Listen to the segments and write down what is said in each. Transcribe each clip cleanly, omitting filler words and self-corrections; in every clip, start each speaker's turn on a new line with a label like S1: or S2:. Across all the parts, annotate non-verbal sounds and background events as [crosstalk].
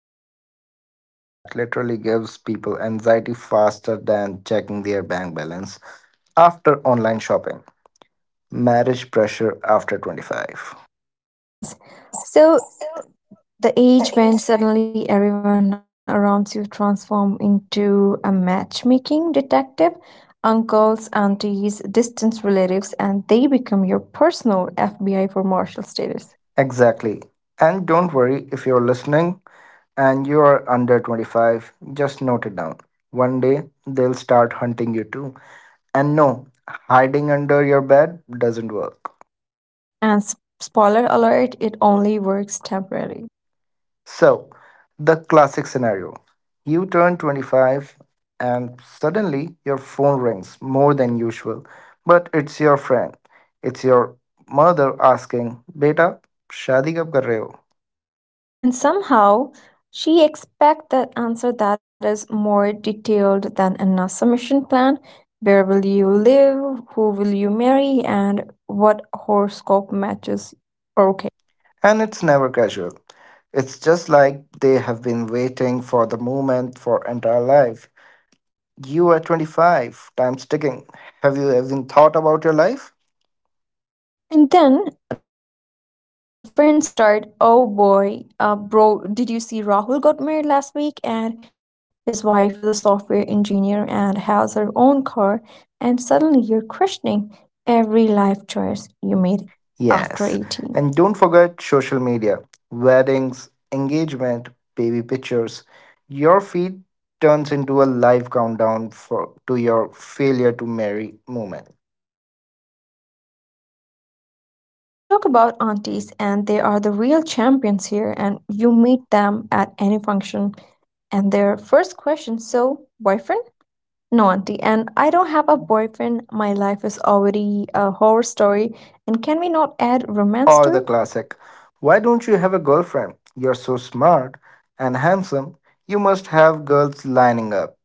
S1: into a topic that literally gives people anxiety faster than checking their bank balance after online shopping marriage pressure after 25.
S2: Yes, yes. So the age when suddenly everyone around you transform into a matchmaking detective, uncles, aunties, distant relatives, and they become your personal FBI for martial status.
S1: Exactly. And don't worry if you're listening and you are under 25, just note it down. One day they'll start hunting you too. And no, hiding under your bed doesn't work.
S2: Spoiler alert, it only works temporarily.
S1: So, the classic scenario, you turn 25 and suddenly your phone rings more than usual, but it's your friend. It's your mother asking, "Beta, shadi kab kar rahe ho?"
S2: And somehow, she expects the answer that is more detailed than a submission plan. Where will you live? Who will you marry? And what horoscope matches? Okay.
S1: And it's never casual. It's just like they have been waiting for the moment for entire life. You are 25, time's ticking. Have you even thought about your life?
S2: And then the friends start, oh boy, bro, did you see Rahul got married last week? And his wife is a software engineer and has her own car. And suddenly you're questioning every life choice you made after
S1: Yes.
S2: 18.
S1: And don't forget social media, weddings, engagement, baby pictures. Your feed turns into a live countdown for to your failure to marry moment.
S2: Okay, so let's talk about aunties, and they are the real champions here. And you meet them at any function, and their first question, so boyfriend? No, auntie. And I don't have a boyfriend. My life is already a horror story. And can we not add romance
S1: Or
S2: to
S1: the
S2: it?
S1: classic, why don't you have a girlfriend? You're so smart and handsome. You must have girls lining up.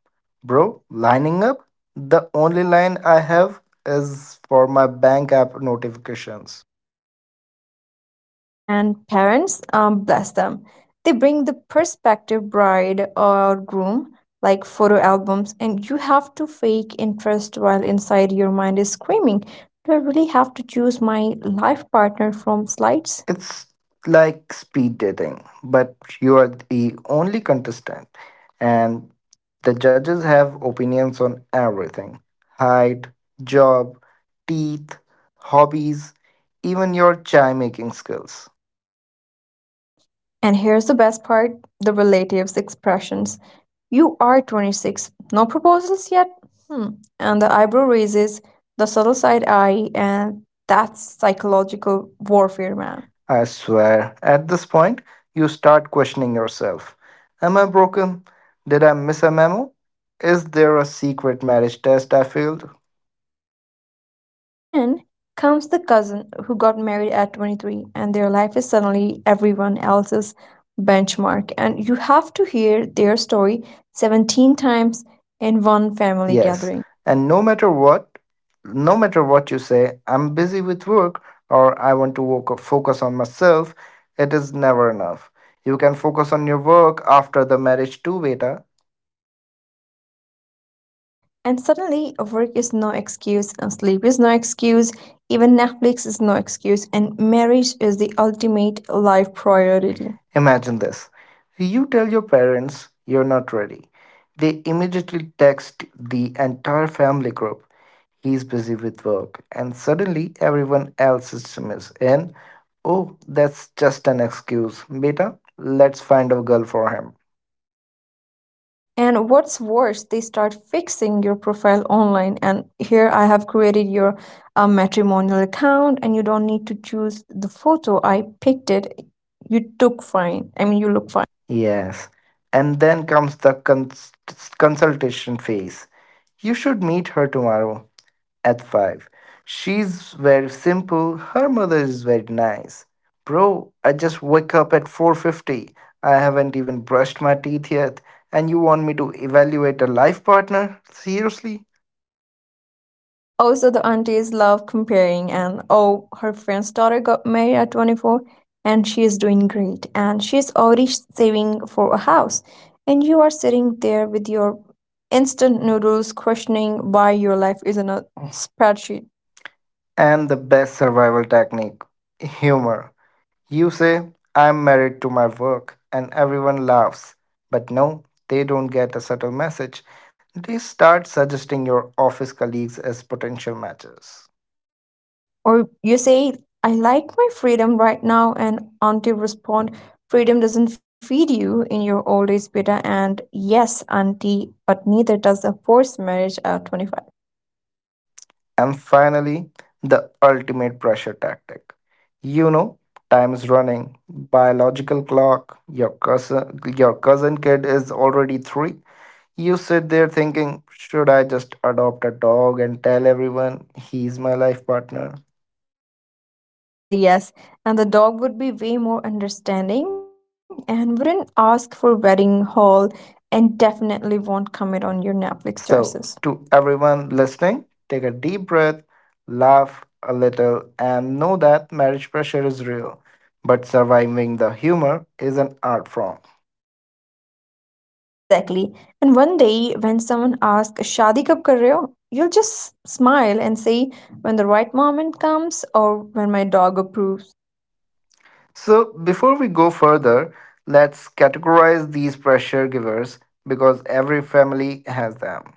S1: Bro, lining up? The only line I have is for my bank app notifications.
S2: And parents, bless them, they bring the prospective bride or groom like photo albums, and you have to fake interest while inside your mind is screaming, do I really have to choose my life partner from slides?
S1: It's like speed dating, but you are the only contestant, and the judges have opinions on everything, height, job, teeth, hobbies, even your chai making skills.
S2: And here's the best part, the relatives' expressions. You are 26, no proposals yet. Hmm. And the eyebrow raises, the subtle side eye, and that's psychological warfare, man.
S1: I swear, at this point, you start questioning yourself. Am I broken? Did I miss a memo? Is there a secret marriage test I failed?
S2: And then comes the cousin who got married at 23, and their life is suddenly everyone else's benchmark, and you have to hear their story 17 times in one family
S1: Yes,
S2: gathering.
S1: and no matter what, no matter what you say, I'm busy with work or I want to focus on myself, it is never enough. You can focus on your work after the marriage too, beta.
S2: Classic. And suddenly work is no excuse and sleep is no excuse, even Netflix is no excuse and marriage is the ultimate life priority.
S1: Imagine this. You tell your parents you're not ready. They immediately text the entire family group. He's busy with work, and suddenly everyone else's system is in. Oh, that's just an excuse. Beta, let's find a girl for him.
S2: And what's worse, they start fixing your profile online. And here I have created your matrimonial account, and you don't need to choose the photo. I picked it. You took fine. I mean, you look fine.
S1: Yes. And then comes the consultation phase. You should meet her tomorrow at 5. She's very simple. Her mother is very nice. Bro, I just wake up at 4:50. I haven't even brushed my teeth yet and you want me to evaluate a life partner? Seriously?
S2: Also, the aunties love comparing. And oh, her friend's daughter got married at 24 and she is doing great. And she's already saving for a house. And you are sitting there with your instant noodles, questioning why your life is in a spreadsheet.
S1: And the best survival technique, humor. You say, I'm married to my work, and everyone laughs. But no, they don't get a subtle message. They start suggesting your office colleagues as potential matches.
S2: Or you say, I like my freedom right now, and auntie respond, Freedom doesn't feed you in your old age, beta. And yes, auntie, but neither does a forced marriage at 25.
S1: And finally, the ultimate pressure tactic. You know, time is running, biological clock, your cousin kid is already three. You sit there thinking, should I just adopt a dog and tell everyone he's my life partner?
S2: Honestly, yes. And the dog would be way more understanding and wouldn't ask for wedding hall and definitely won't comment on your Netflix
S1: So,
S2: choices.
S1: to everyone listening, take a deep breath, laugh a little, and know that marriage pressure is real, but surviving the humor is an art form.
S2: Exactly. And one day, when someone asks, Shadi kab kar rahe ho? You'll just smile and say, when the right moment comes or when my dog approves.
S1: So, before we go further, let's categorize these pressure givers because every family has them.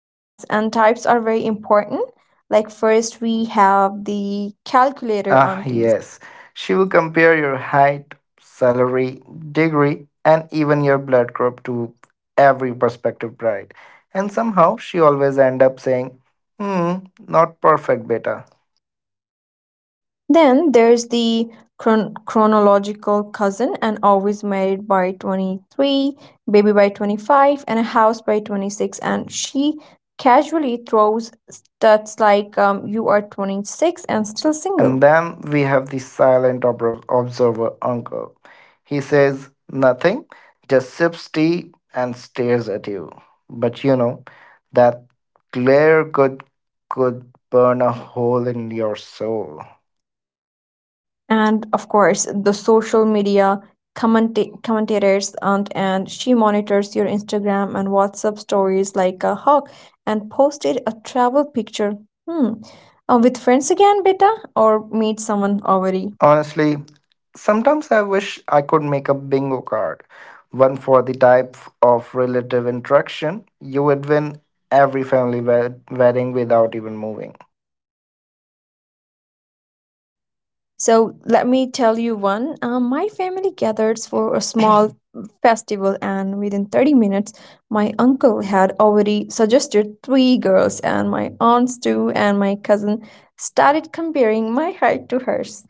S2: Yes, and types are very important. Like, first, we have the calculator
S1: Ah,
S2: auntie.
S1: yes. She will compare your height, salary, degree, and even your blood group to every prospective bride. And somehow she always end up saying, hmm, not perfect, beta.
S2: Then there's the chronological cousin, and always married by 23, baby by 25, and a house by 26. And she casually throws stats like, You are 26 and still
S1: And
S2: single.
S1: then we have the silent observer uncle. He says nothing, just sips tea and stares at you. But you know, that glare could burn a hole in your soul.
S2: And of course the social media comment commentators, and she monitors your Instagram and WhatsApp stories like a hawk. And posted a travel picture. Hmm. With friends again, beta? Or meet someone already.
S1: Honestly, sometimes I wish I could make a bingo card, one for the type of relative interaction. You would win every family wedding without even moving.
S2: Yeah. So let me tell you one. My family gathered for a small [laughs] festival, and within 30 minutes, my uncle had already suggested three girls, and my aunts too, and my cousin started comparing my height to hers.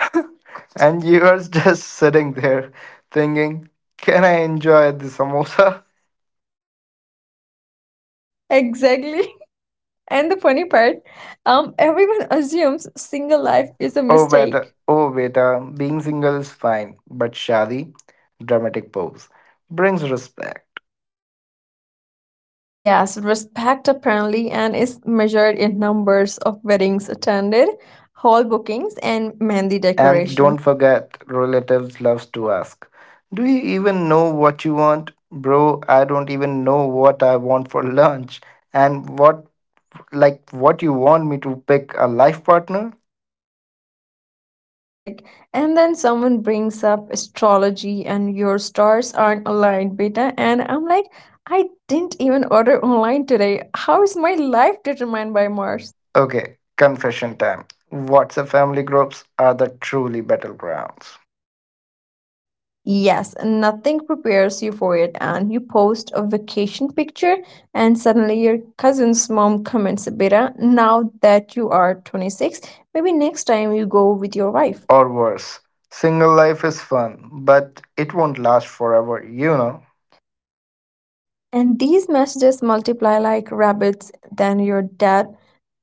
S1: [laughs] And you are just sitting there thinking, can I enjoy the samosa? [laughs]
S2: Exactly. [laughs] And the funny part, everyone assumes single life is a
S1: Oh,
S2: mistake.
S1: better, oh, beta, being single is fine, but Shadi, dramatic pose, brings respect.
S2: Yes, respect apparently and is measured in numbers of weddings attended, hall bookings, and mehndi
S1: And
S2: decoration.
S1: don't forget, relatives loves to ask, do you even know what you want? Bro, I don't even know what I want for lunch. And what, like, what you want me to pick a life partner?
S2: Classic. And then someone brings up astrology and your stars aren't aligned, beta. And I'm like, I didn't even order online today. How is my life determined by Mars?
S1: Okay, confession time. WhatsApp family groups are the truly battlegrounds.
S2: Yes, nothing prepares you for it. And you post a vacation picture, and suddenly your cousin's mom comments, beta, now that you are 26, maybe next time you go with your wife.
S1: Or worse, single life is fun, but it won't last forever, you know.
S2: And these messages multiply like rabbits. Then your dad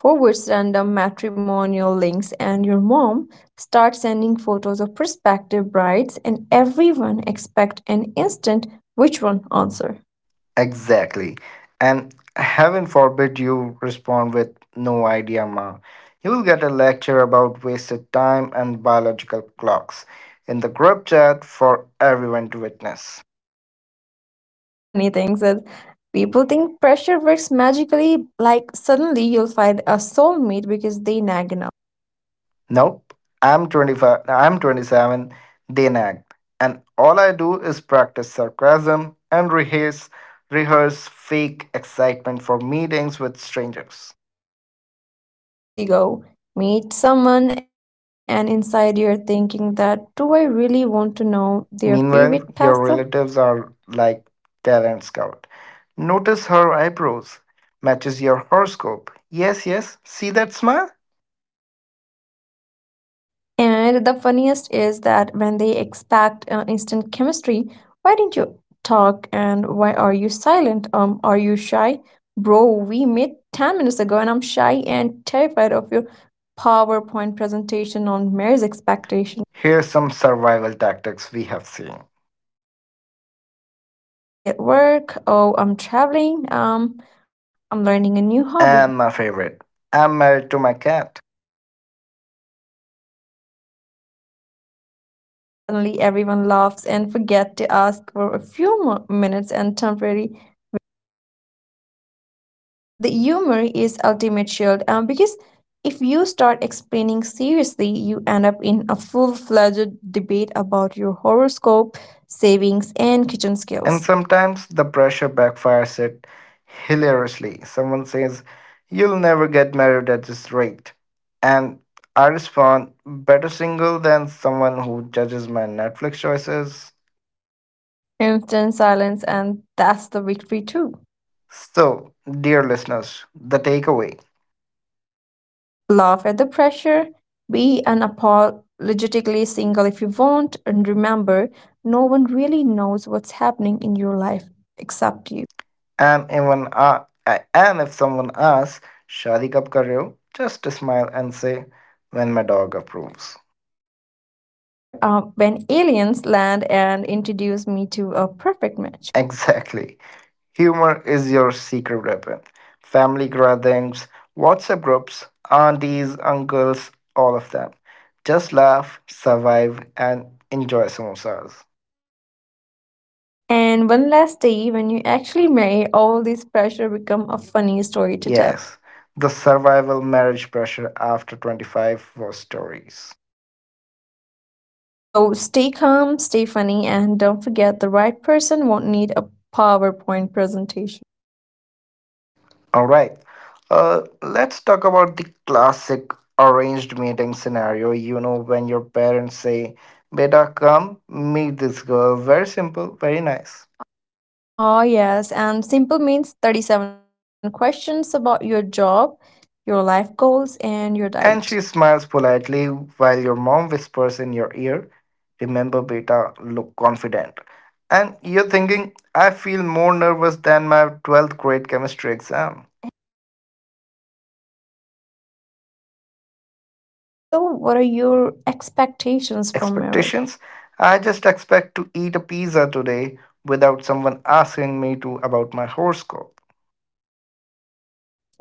S2: forwards random matrimonial links, and your mom starts sending photos of prospective brides, and everyone expect an instant which one answer.
S1: Exactly. And heaven forbid you respond with no idea, ma. You will get a lecture about wasted time and biological clocks in the group chat for everyone to witness.
S2: Funny things is, people think pressure works magically, like suddenly you'll find a soulmate because they nag enough.
S1: Nope. I'm 25, I'm 27, they nag. And all I do is practice sarcasm and rehearse fake excitement for meetings with strangers.
S2: Yes, you go. Meet someone, and inside you're thinking that, do I really want to know their
S1: Meanwhile,
S2: favorite
S1: your
S2: pasta?
S1: relatives are like talent scout. Notice her eyebrows. Matches your horoscope. Yes, yes. See that smile?
S2: And the funniest is that when they expect instant chemistry, why didn't you and why are you silent? Are you shy? Bro, we met 10 minutes ago and I'm shy and terrified of your PowerPoint presentation on marriage expectation.
S1: Here's some survival tactics we have seen.
S2: Oh, I'm busy at work. Oh, I'm traveling. I'm learning a new hobby.
S1: And my favorite. I'm married to my cat.
S2: Suddenly, everyone laughs and forget to ask for a few more minutes and temporary. Yes, the humor is ultimate shield, because if you start explaining seriously, you end up in a full-fledged debate about your horoscope, savings, and kitchen
S1: And
S2: skills.
S1: sometimes the pressure backfires it hilariously. Someone says, you'll never get married at this rate. And I respond, better single than someone who judges my Netflix choices.
S2: Instant silence, and that's the victory too.
S1: So, dear listeners, the takeaway.
S2: Laugh at the pressure, be unapologetically single if you want, and remember, no one really knows what's happening in your life except you.
S1: And even and if someone asks, "Shadi kab kar rahe ho?" Just smile and say, "When my dog approves." [laughs]
S2: Or when aliens land and introduce me to a perfect match.
S1: Exactly. Humor is your secret weapon. Family gatherings, WhatsApp groups, aunties, uncles, all of them. Just laugh, survive, and enjoy samosas.
S2: And one last day when you actually marry, all this pressure become a funny story to tell.
S1: Yes, the survival marriage pressure after 25 was stories.
S2: Or so stay calm, stay funny, and don't forget, the right person won't need a PowerPoint presentation.
S1: All right. Let's talk about the classic arranged meeting scenario. You know, when your parents say, Beta, come meet this girl. Very simple, very nice.
S2: Oh yes, and simple means 37 questions about your job, your life goals, and your
S1: And
S2: diet. [laughs]
S1: she smiles politely while your mom whispers in your ear, remember, Beta, look confident. And you're thinking, I feel more nervous than my 12th grade chemistry exam.
S2: Exactly. And then comes the killer question. So what are your expectations from marriage?
S1: Expectations? I just expect to eat a pizza today without someone asking me to about my horoscope.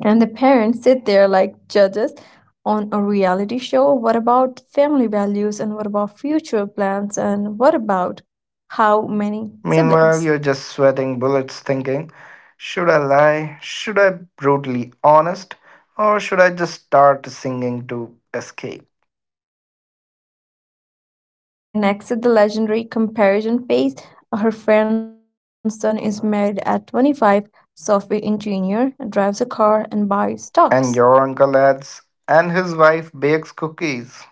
S2: And the parents sit there like judges on a reality show. What about family values? And what about future plans? And what about how many siblings?
S1: Meanwhile, you're just sweating bullets thinking, should I lie? Should I brutally honest? Or should I just start singing to escape?
S2: Yeah. And next is the legendary comparison phase. Her friend's son is married at 25, software engineer, drives a car, and buys
S1: And
S2: stocks.
S1: your uncle adds, and his wife bakes cookies.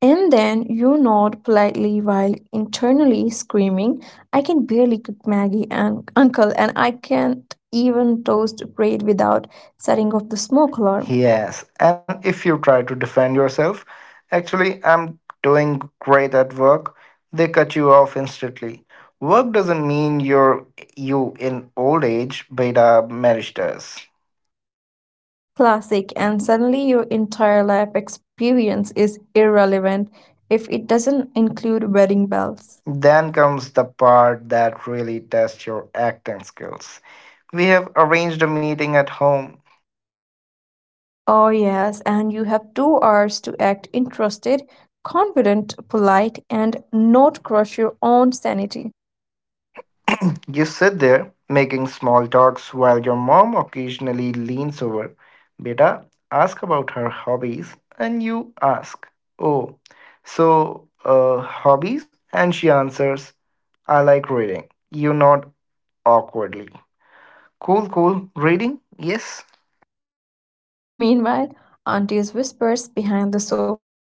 S2: And then you nod politely while internally screaming, I can barely cook Maggie and Uncle, and I can't even toast bread without setting off the smoke alarm.
S1: Yes, and if you try to defend yourself, actually, I'm doing great at work, they cut you off instantly. Work doesn't mean you're you in old age, beta marriage does.
S2: Classic, and suddenly your entire life experience is irrelevant if it doesn't include wedding bells.
S1: Then comes the part that really tests your acting skills. We have arranged a meeting at home.
S2: Oh, yes, and you have 2 hours to act interested, confident, polite, and not crush your own sanity.
S1: You sit there making small talks while your mom occasionally leans over. Beta, ask about her hobbies, and you ask, oh, so, hobbies? And she answers, I like reading. You nod awkwardly. Cool, cool. Reading? Yes.
S2: [laughs] Meanwhile, auntie's whispers behind the sofa.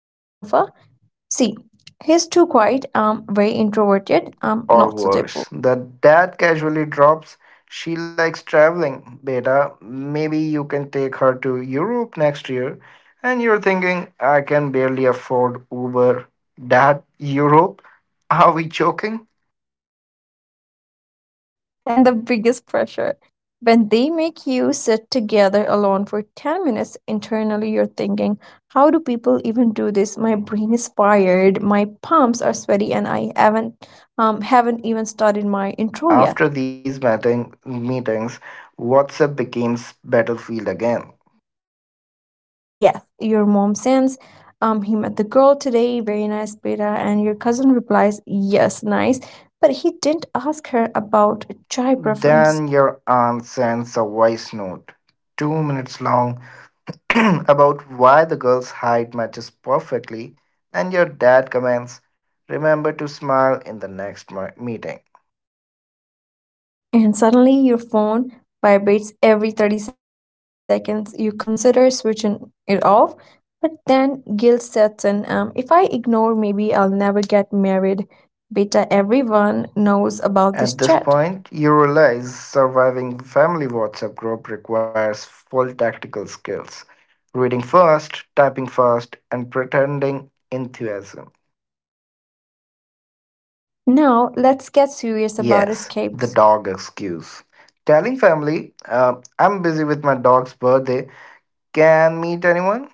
S2: See, he's too quiet, very introverted, not suitable.
S1: Or worse. The dad casually drops, she likes traveling, beta. Maybe you can take her to Europe next year. And you're thinking, I can barely afford Uber. Dad, Europe? Are we joking?
S2: [laughs] And the biggest pressure. When they make you sit together alone for 10 minutes, internally you're thinking, how do people even? My brain is fired, my palms are sweaty, and I haven't even started my intro yet.
S1: After these meetings, WhatsApp becomes battlefield again.
S2: Yes, your mom sends. He met the girl today, very nice, beta. And your cousin replies, yes, nice. But he didn't ask her about chai preference.
S1: Then your aunt sends a voice note, 2 minutes long, [clears throat] about why the girl's height matches perfectly, and your dad comments, remember to smile in the next meeting.
S2: And suddenly your phone vibrates every 30 seconds. You consider switching it off, but then guilt sets in. If I ignore, maybe I'll never get married. Beta, everyone knows about this
S1: At this
S2: chat.
S1: point, you realize surviving family WhatsApp group requires full tactical skills, reading fast, typing fast, and pretending enthusiasm.
S2: Now, let's get serious about
S1: Yes, the
S2: escapes.
S1: dog excuse. Telling family, I'm busy with my dog's birthday, can meet anyone?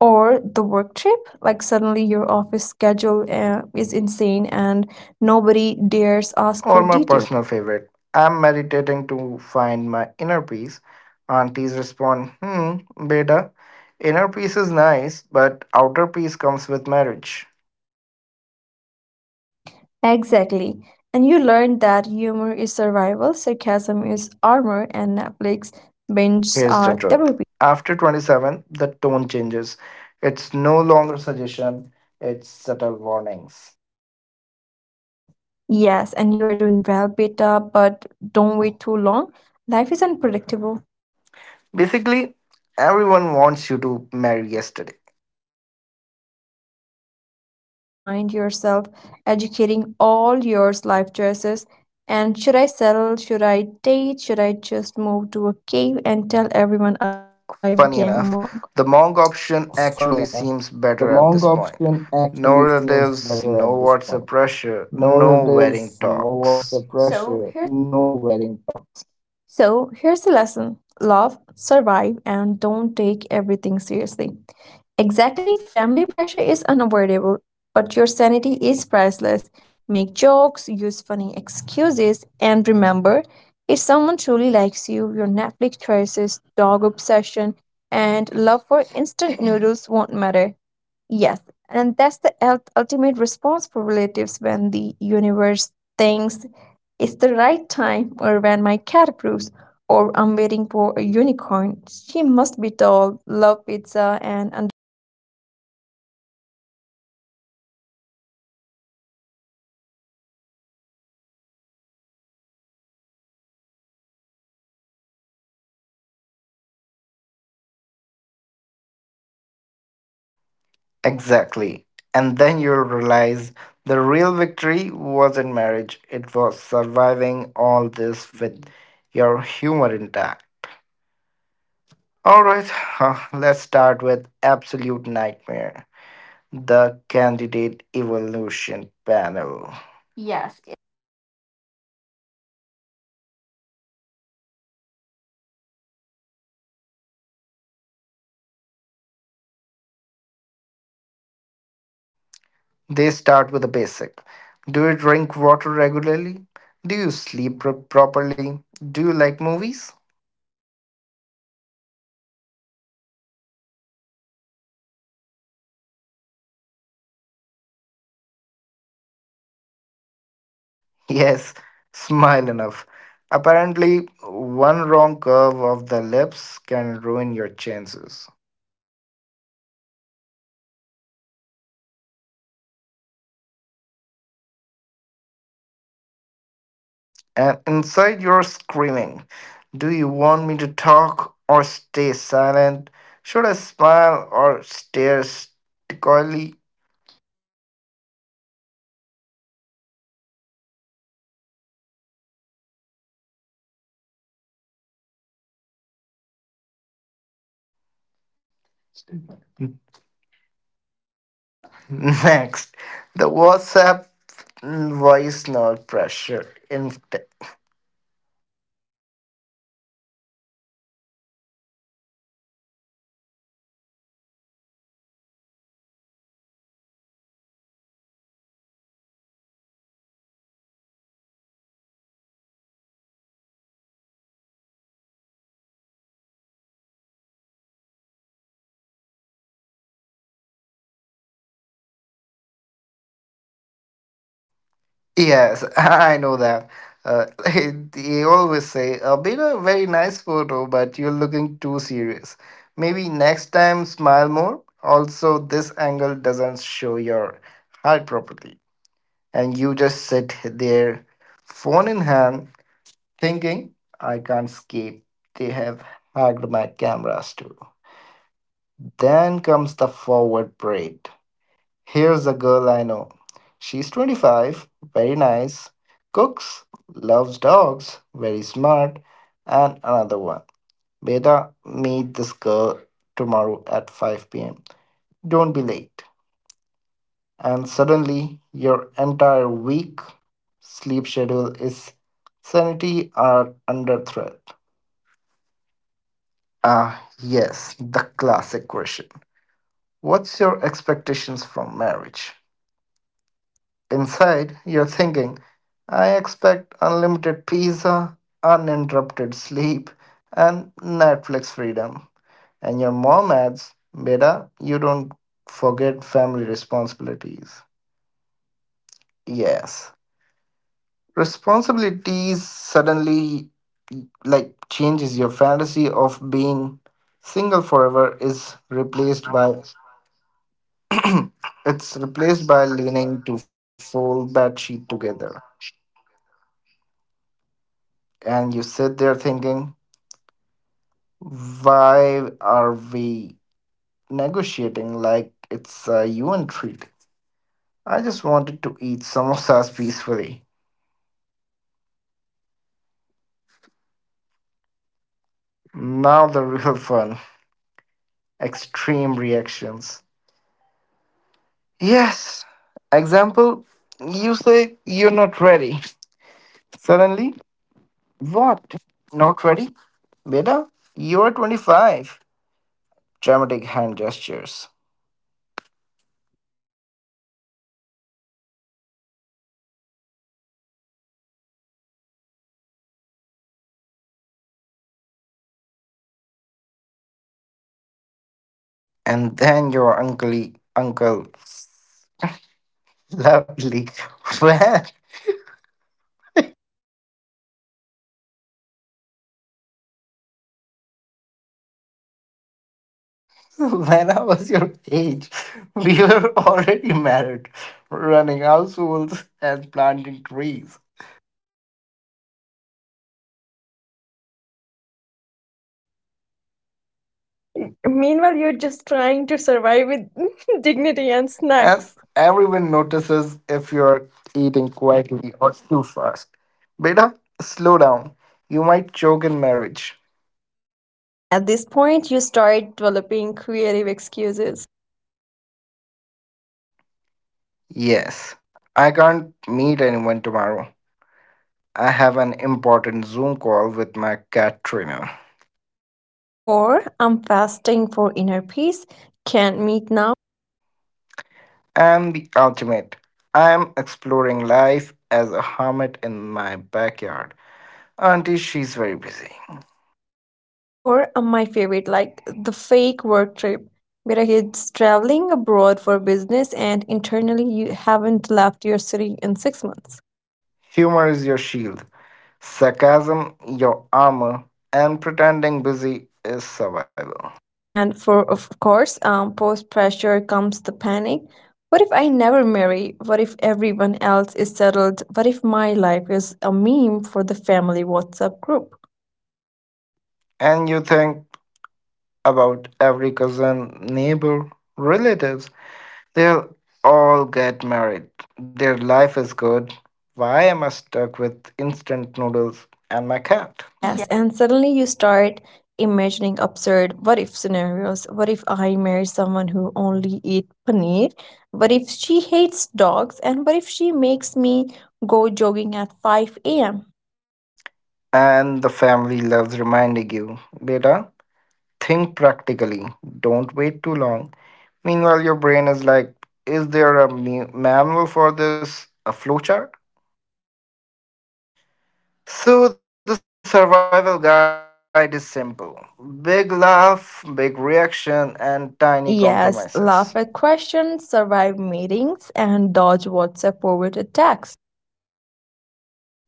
S2: Or the work trip, like suddenly your office schedule is insane and nobody dares ask
S1: Or
S2: for
S1: my
S2: details.
S1: personal favorite. I'm meditating to find my inner peace. Aunties respond, hmm, beta, inner peace is nice, but outer peace comes with marriage.
S2: Exactly. And you learn that humor is survival, sarcasm is armor, and Netflix binges
S1: Here's the
S2: are
S1: truth.
S2: therapy.
S1: After 27, the tone changes. It's no longer suggestion, it's subtle warnings.
S2: Yes, and you are doing well, beta, but don't wait too long, life is unpredictable.
S1: Basically, everyone wants you to marry yesterday.
S2: And suddenly you find yourself educating all your life choices, and should I settle, should I date, should I just move to a cave and tell everyone I became a mom?
S1: Funny enough, the Monk option actually seems better at this point. No relatives, no WhatsApp pressure, no wedding talks. So here's
S2: So here's the lesson, love, survive, and don't take everything seriously. Exactly, family pressure is unavoidable, but your sanity is priceless. Make jokes, use funny excuses, and remember, if someone truly likes you, your Netflix choices, dog obsession, and love for instant noodles won't matter. Yes, and that's the ultimate response for relatives when the universe thinks it's the right time, or when my cat approves, or I'm waiting for a unicorn. She must be tall, love pizza, and understand my sarcasm, and survive the chaos, laugh at the madness, and keep eating samosas. And that's the art of marriage pressure after 25. And one day you'll tell your story and everyone will laugh and except aunties, of
S1: Exactly.
S2: course.
S1: And then you'll realize
S2: Exactly.
S1: the real victory wasn't marriage, it was surviving all this with your humor intact. Alright, huh, let's start with Absolute Nightmare, the Candidate Evolution Panel. Yes.
S2: Yes, it's basically like appearing on India's Go to Matrimony, and you sit there, mom is the head judge, aunties are the guest judges, and your poor self is the
S1: They start with
S2: contestant.
S1: the basic. Do you drink water regularly? Do you sleep properly? Do you like movies? [laughs]
S2: And then the hidden questions start. Can you cook? Do you know horoscope? Are you financially stable? And the most importantly, do you
S1: Yes,
S2: smile enough?
S1: smile enough. Apparently, one wrong curve of the lips can ruin your chances.
S2: And there's always that uncle who leans in and whispers, Beta, don't talk too much. Overconfidence is a deal breaker.
S1: And inside you're screaming, do you want me to talk or stay silent? Should I smile or stare stoically?
S2: It's like auditioning for a role you didn't apply for, a role called Ariel's son in law or son in.
S1: [laughs] Next, the WhatsApp. Mm, why not pressure? In
S2: Oh, yes. And every. And every detail of the meeting is documented. You post a selfie, suddenly your cousin's mom sends a four-minute voice note with a very nice photo. But are you looking? Yes,
S1: yes, [laughs]
S2: [laughs]
S1: I
S2: I
S1: know
S2: know that.
S1: that.
S2: Uh,
S1: Uh,
S2: [laughs]
S1: [laughs] they
S2: they always
S1: always
S2: say,
S1: say, "A
S2: we
S1: bit
S2: got
S1: a
S2: a
S1: very
S2: very nice
S1: nice photo,
S2: photo, but
S1: but you're
S2: you're looking
S1: looking too
S2: too serious.
S1: serious.
S2: Maybe
S1: Maybe
S2: next
S1: next time,
S2: time, smile
S1: smile
S2: more.
S1: more." Also,
S2: Also,
S1: this
S2: this angle
S1: angle doesn't
S2: doesn't
S1: show
S2: show your
S1: your heart
S2: heart properly.
S1: properly,
S2: And
S1: and you
S2: you
S1: just
S2: just sit
S1: sit
S2: there,
S1: there, phone
S2: phone
S1: in
S2: in hand,
S1: hand,
S2: thinking,
S1: thinking, "I
S2: I can't
S1: can't
S2: skate.
S1: escape." They
S2: They have
S1: have
S2: hacked
S1: hacked my
S2: my camera.
S1: cameras too. Then
S2: Then
S1: comes
S2: comes
S1: the
S2: the
S1: forward
S2: forward break.
S1: braid. Here's
S2: Here's
S1: a
S2: a girl
S1: girl
S2: I
S1: I
S2: know.
S1: know.
S2: He's
S1: She's
S2: 25,
S1: 25,
S2: very
S1: very
S2: nice,
S1: nice,
S2: cooks,
S1: cooks, loves
S2: loves dogs,
S1: dogs, very
S2: very smart,
S1: smart,
S2: and
S1: and
S2: another
S1: another
S2: one.
S1: one.
S2: Later,
S1: Beta, meet
S2: meet
S1: this
S2: this
S1: girl
S2: girl, Simone,
S1: tomorrow
S2: at
S1: at 5
S2: 5 p.m.
S1: pm. Don't
S2: Don't
S1: be
S2: be late.
S1: late. And suddenly, your entire week sleep schedule is sanity are under threat. Ah, yes, the classic question. What's your expectations from marriage? Inside, you're thinking, I expect unlimited pizza, uninterrupted sleep, and Netflix freedom. And your mom adds, Beta, you don't forget family responsibilities. Yes. Responsibilities suddenly like changes your fantasy of being single forever is replaced by [clears throat] it's replaced by leaning to fold that sheet together. And you sit there thinking, why are we negotiating like it's a UN treat? I just wanted to eat samosas [laughs] peacefully. Now the real fun. Extreme reactions. Yes. Example, you say you're not ready. Suddenly, what? Not ready? Beta, you're 25. Dramatic hand gestures.
S2: Or the aunties who whispers to another, he is clearly wasting time. Did you see how he didn't ask her about her favorite color?
S1: And then your uncle, uncle, lovely, [laughs] well, [laughs] when I was your age, we were already married, running households and planting trees.
S2: Meanwhile, you're just trying to survive with [laughs] dignity and snacks.
S1: And everyone notices if you're eating quietly or too fast. Beta, slow down. You might choke in marriage.
S2: At this point, you start developing creative excuses.
S1: Yes, I can't meet anyone tomorrow. I have an important Zoom call with my cat trainer.
S2: Or, I'm fasting for inner peace, can't meet now.
S1: I'm the ultimate. I'm exploring life as a hermit in my backyard. Auntie, she's very busy.
S2: Or my favorite, like the fake work trip, where he's traveling abroad for business and internally you haven't left your city in 6 months.
S1: Humor is your shield, sarcasm your armor, and pretending busy is survival.
S2: And for, of course, post pressure comes the panic. What if I never marry? What if everyone else is settled? What if my life is a meme for the family WhatsApp group?
S1: And you think about every cousin, neighbor, relatives, they'll all get married. Their life is good. Why am I stuck with instant noodles and my cat? Yeah.
S2: Yes, and suddenly you start imagining absurd what if scenarios. What if I marry someone who only eat paneer? What if she hates dogs? And what if she makes me go jogging at 5 a.m.?
S1: And the family loves reminding you, beta, think practically. Don't wait too long. Meanwhile, your brain is like, is there a manual for this? A flowchart? So, the survival guide is simple: big laugh, big reaction, and tiny
S2: Yes, laugh
S1: compromises.
S2: at questions, survive meetings, and dodge WhatsApp forward attacks.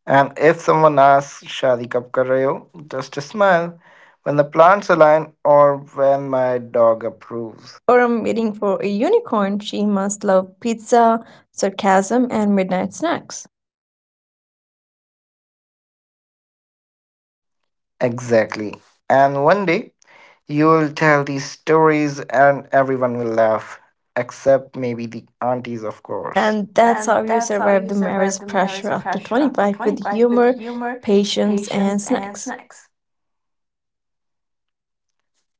S1: And if someone asks, "Shadi kab kar rahe ho?" Just smile. When the plants align, or when my dog approves.
S2: Or I'm waiting for a unicorn. She must love pizza, sarcasm, and midnight snacks.
S1: Exactly. And one day you will tell these stories and everyone will laugh, except maybe the aunties, of course.
S2: And that's how you
S1: And that's how
S2: survive the
S1: you
S2: marriage
S1: survive the
S2: pressure
S1: marriage
S2: after
S1: pressure after
S2: 25 with
S1: 25 with
S2: humor,
S1: humor,
S2: patience, and
S1: patience, and
S2: snacks.
S1: snacks.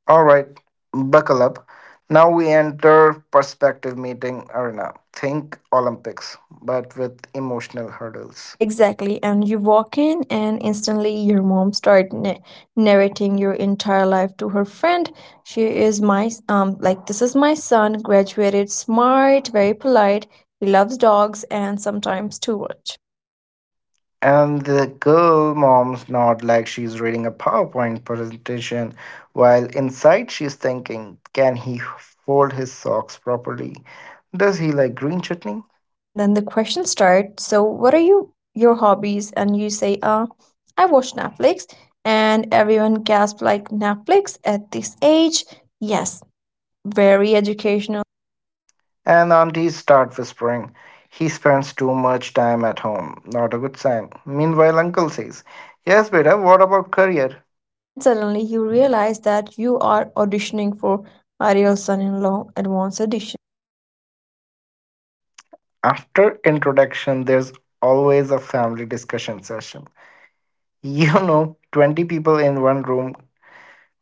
S1: All right, buckle up. Now we enter perspective meeting arena. Think Olympics, but with emotional hurdles.
S2: Exactly. And you walk in, and instantly your mom starts narrating your entire life to her friend. She is my, like, this is my son, graduated smart, very polite. He loves dogs and sometimes too much.
S1: And the girl mom's not like she's reading a PowerPoint presentation, while inside she's thinking, can he fold his socks properly? Does he like green chutney?
S2: And then the question starts. So, what are you your hobbies? And you say, I watch Netflix. And everyone gasps like Netflix at this age. Yes, very educational.
S1: And aunties start whispering, he spends too much time at home. Not a good sign. Meanwhile, uncle says, yes, beta, what about career?
S2: And suddenly you realize that you are auditioning for Ariel's son-in-law advanced edition.
S1: After introduction, there's always a family discussion session. You know, 20 people in one room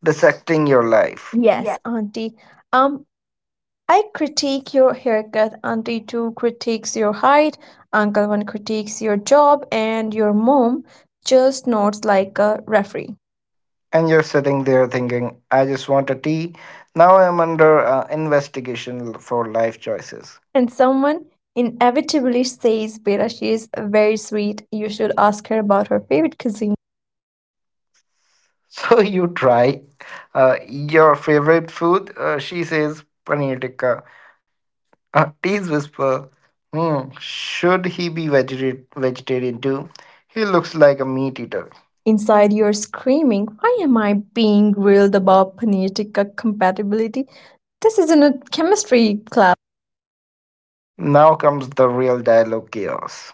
S1: dissecting your life.
S2: Yes, auntie. Um, I critique your haircut, auntie two critiques your height, uncle one critiques your job, and your mom just nods like a referee.
S1: And you're sitting there thinking, I just want a tea. Now I'm under investigation for life choices. [laughs]
S2: And someone inevitably says Beta, she is very sweet. You should ask her about her favorite cuisine.
S1: So you try your favorite food. She says, paneer tikka. Teas whisper, hmm, should he be vegetarian too? He looks like a meat eater.
S2: Inside, you're screaming, why am I being grilled about paneer tikka compatibility? This isn't a chemistry class.
S1: Now comes the real dialogue chaos.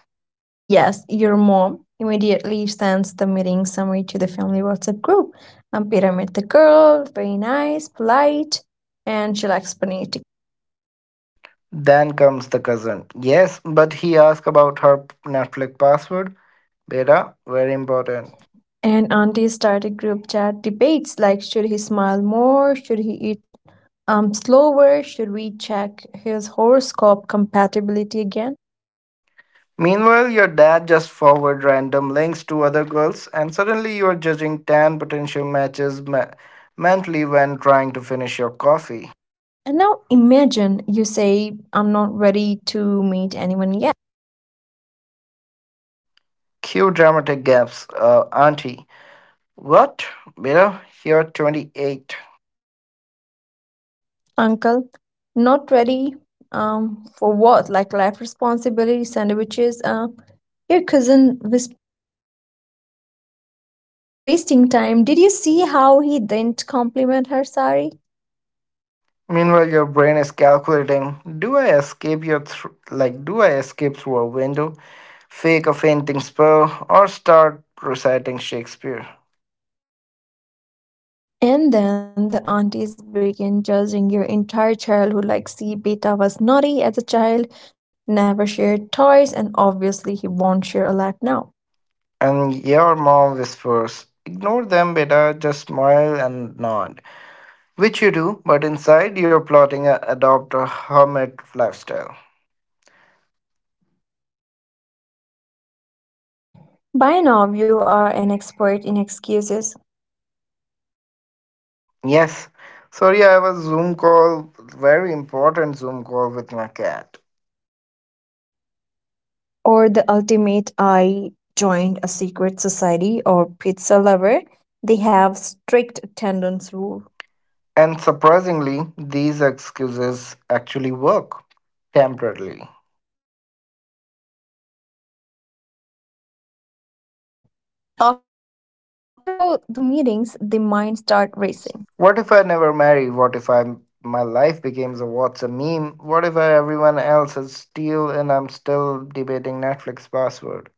S2: Yes, your mom immediately sends the meeting summary to the family WhatsApp group. Peter met the girl, very nice, polite, and she likes paneer.
S1: Then comes the cousin. Yes, but he asked about her Netflix password. Beta, very important.
S2: And aunties started group chat debates like should he smile more? Should he eat slower? Should we check his horoscope compatibility again?
S1: Meanwhile, your dad just forward random links to other girls, and suddenly you are judging 10 potential matches mentally when trying to finish your coffee.
S2: And now imagine you say, I'm not ready to meet anyone yet.
S1: Cue dramatic gaps, auntie. What? Beta, you're 28.
S2: Uncle, not ready for what? Like life responsibility, sandwiches? Your cousin was, he's wasting time. Did you see how he didn't compliment her, Sari?
S1: Meanwhile, your brain is calculating: Do I escape your thr- like? Do I escape through a window, fake a fainting spell, or start reciting Shakespeare?
S2: And then the aunties begin judging your entire childhood like, see, Beta was naughty as a child, never shared toys, and obviously he won't share a lot now.
S1: And your mom whispers, "Ignore them, beta. Just smile and nod." Which you do, but inside you're plotting a adopt a hermit lifestyle.
S2: By now, you are an expert in excuses
S1: Yes. Sorry, I have a Zoom call, very important Zoom call with my cat.
S2: or the ultimate I joined a secret society or pizza lover. They have strict attendance rule.
S1: And surprisingly, these excuses actually work temporarily.
S2: After all the meetings, the mind start racing.
S1: What if I never marry? What if I my life becomes a what's a meme? What if everyone else is still and I'm still debating Netflix password?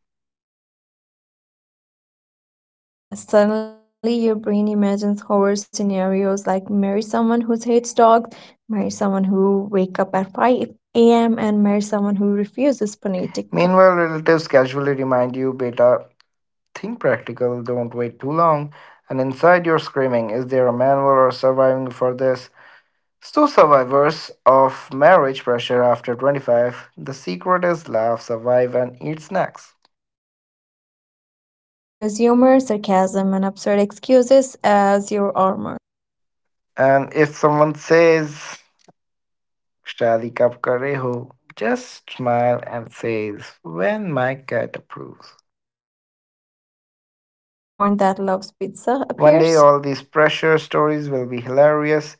S2: And yes, suddenly your brain imagines horror scenarios like marry someone who hates dogs, marry someone who wake up at 5 a.m., and marry someone who refuses phonetic.
S1: Meanwhile, relatives casually remind you, beta, think practical, don't wait too long. And inside you're screaming, is there a manual or surviving for this? So survivors of marriage pressure after 25, the secret is laugh, survive and eat snacks.
S2: Yes, use humor, sarcasm, and absurd excuses as your armor.
S1: And if someone says, Shadi kab kare ho, just smile and says, when my cat approves.
S2: Or when a unicorn that loves pizza
S1: One day
S2: appears.
S1: all these pressure stories will be hilarious.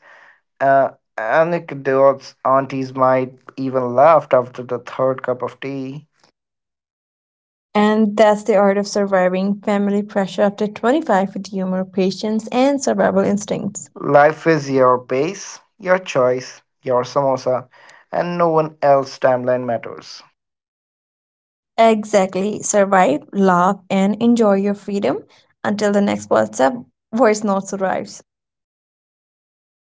S1: Uh, Anecdotes aunties might even laughed after the third cup of tea.
S2: And that's the art of surviving family pressure after 25 with humor, patience, and survival instincts.
S1: Life is your pace, your choice, your samosa, and no one else's timeline matters.
S2: Exactly. Survive, laugh, and enjoy your freedom until the next WhatsApp voice notes arrives.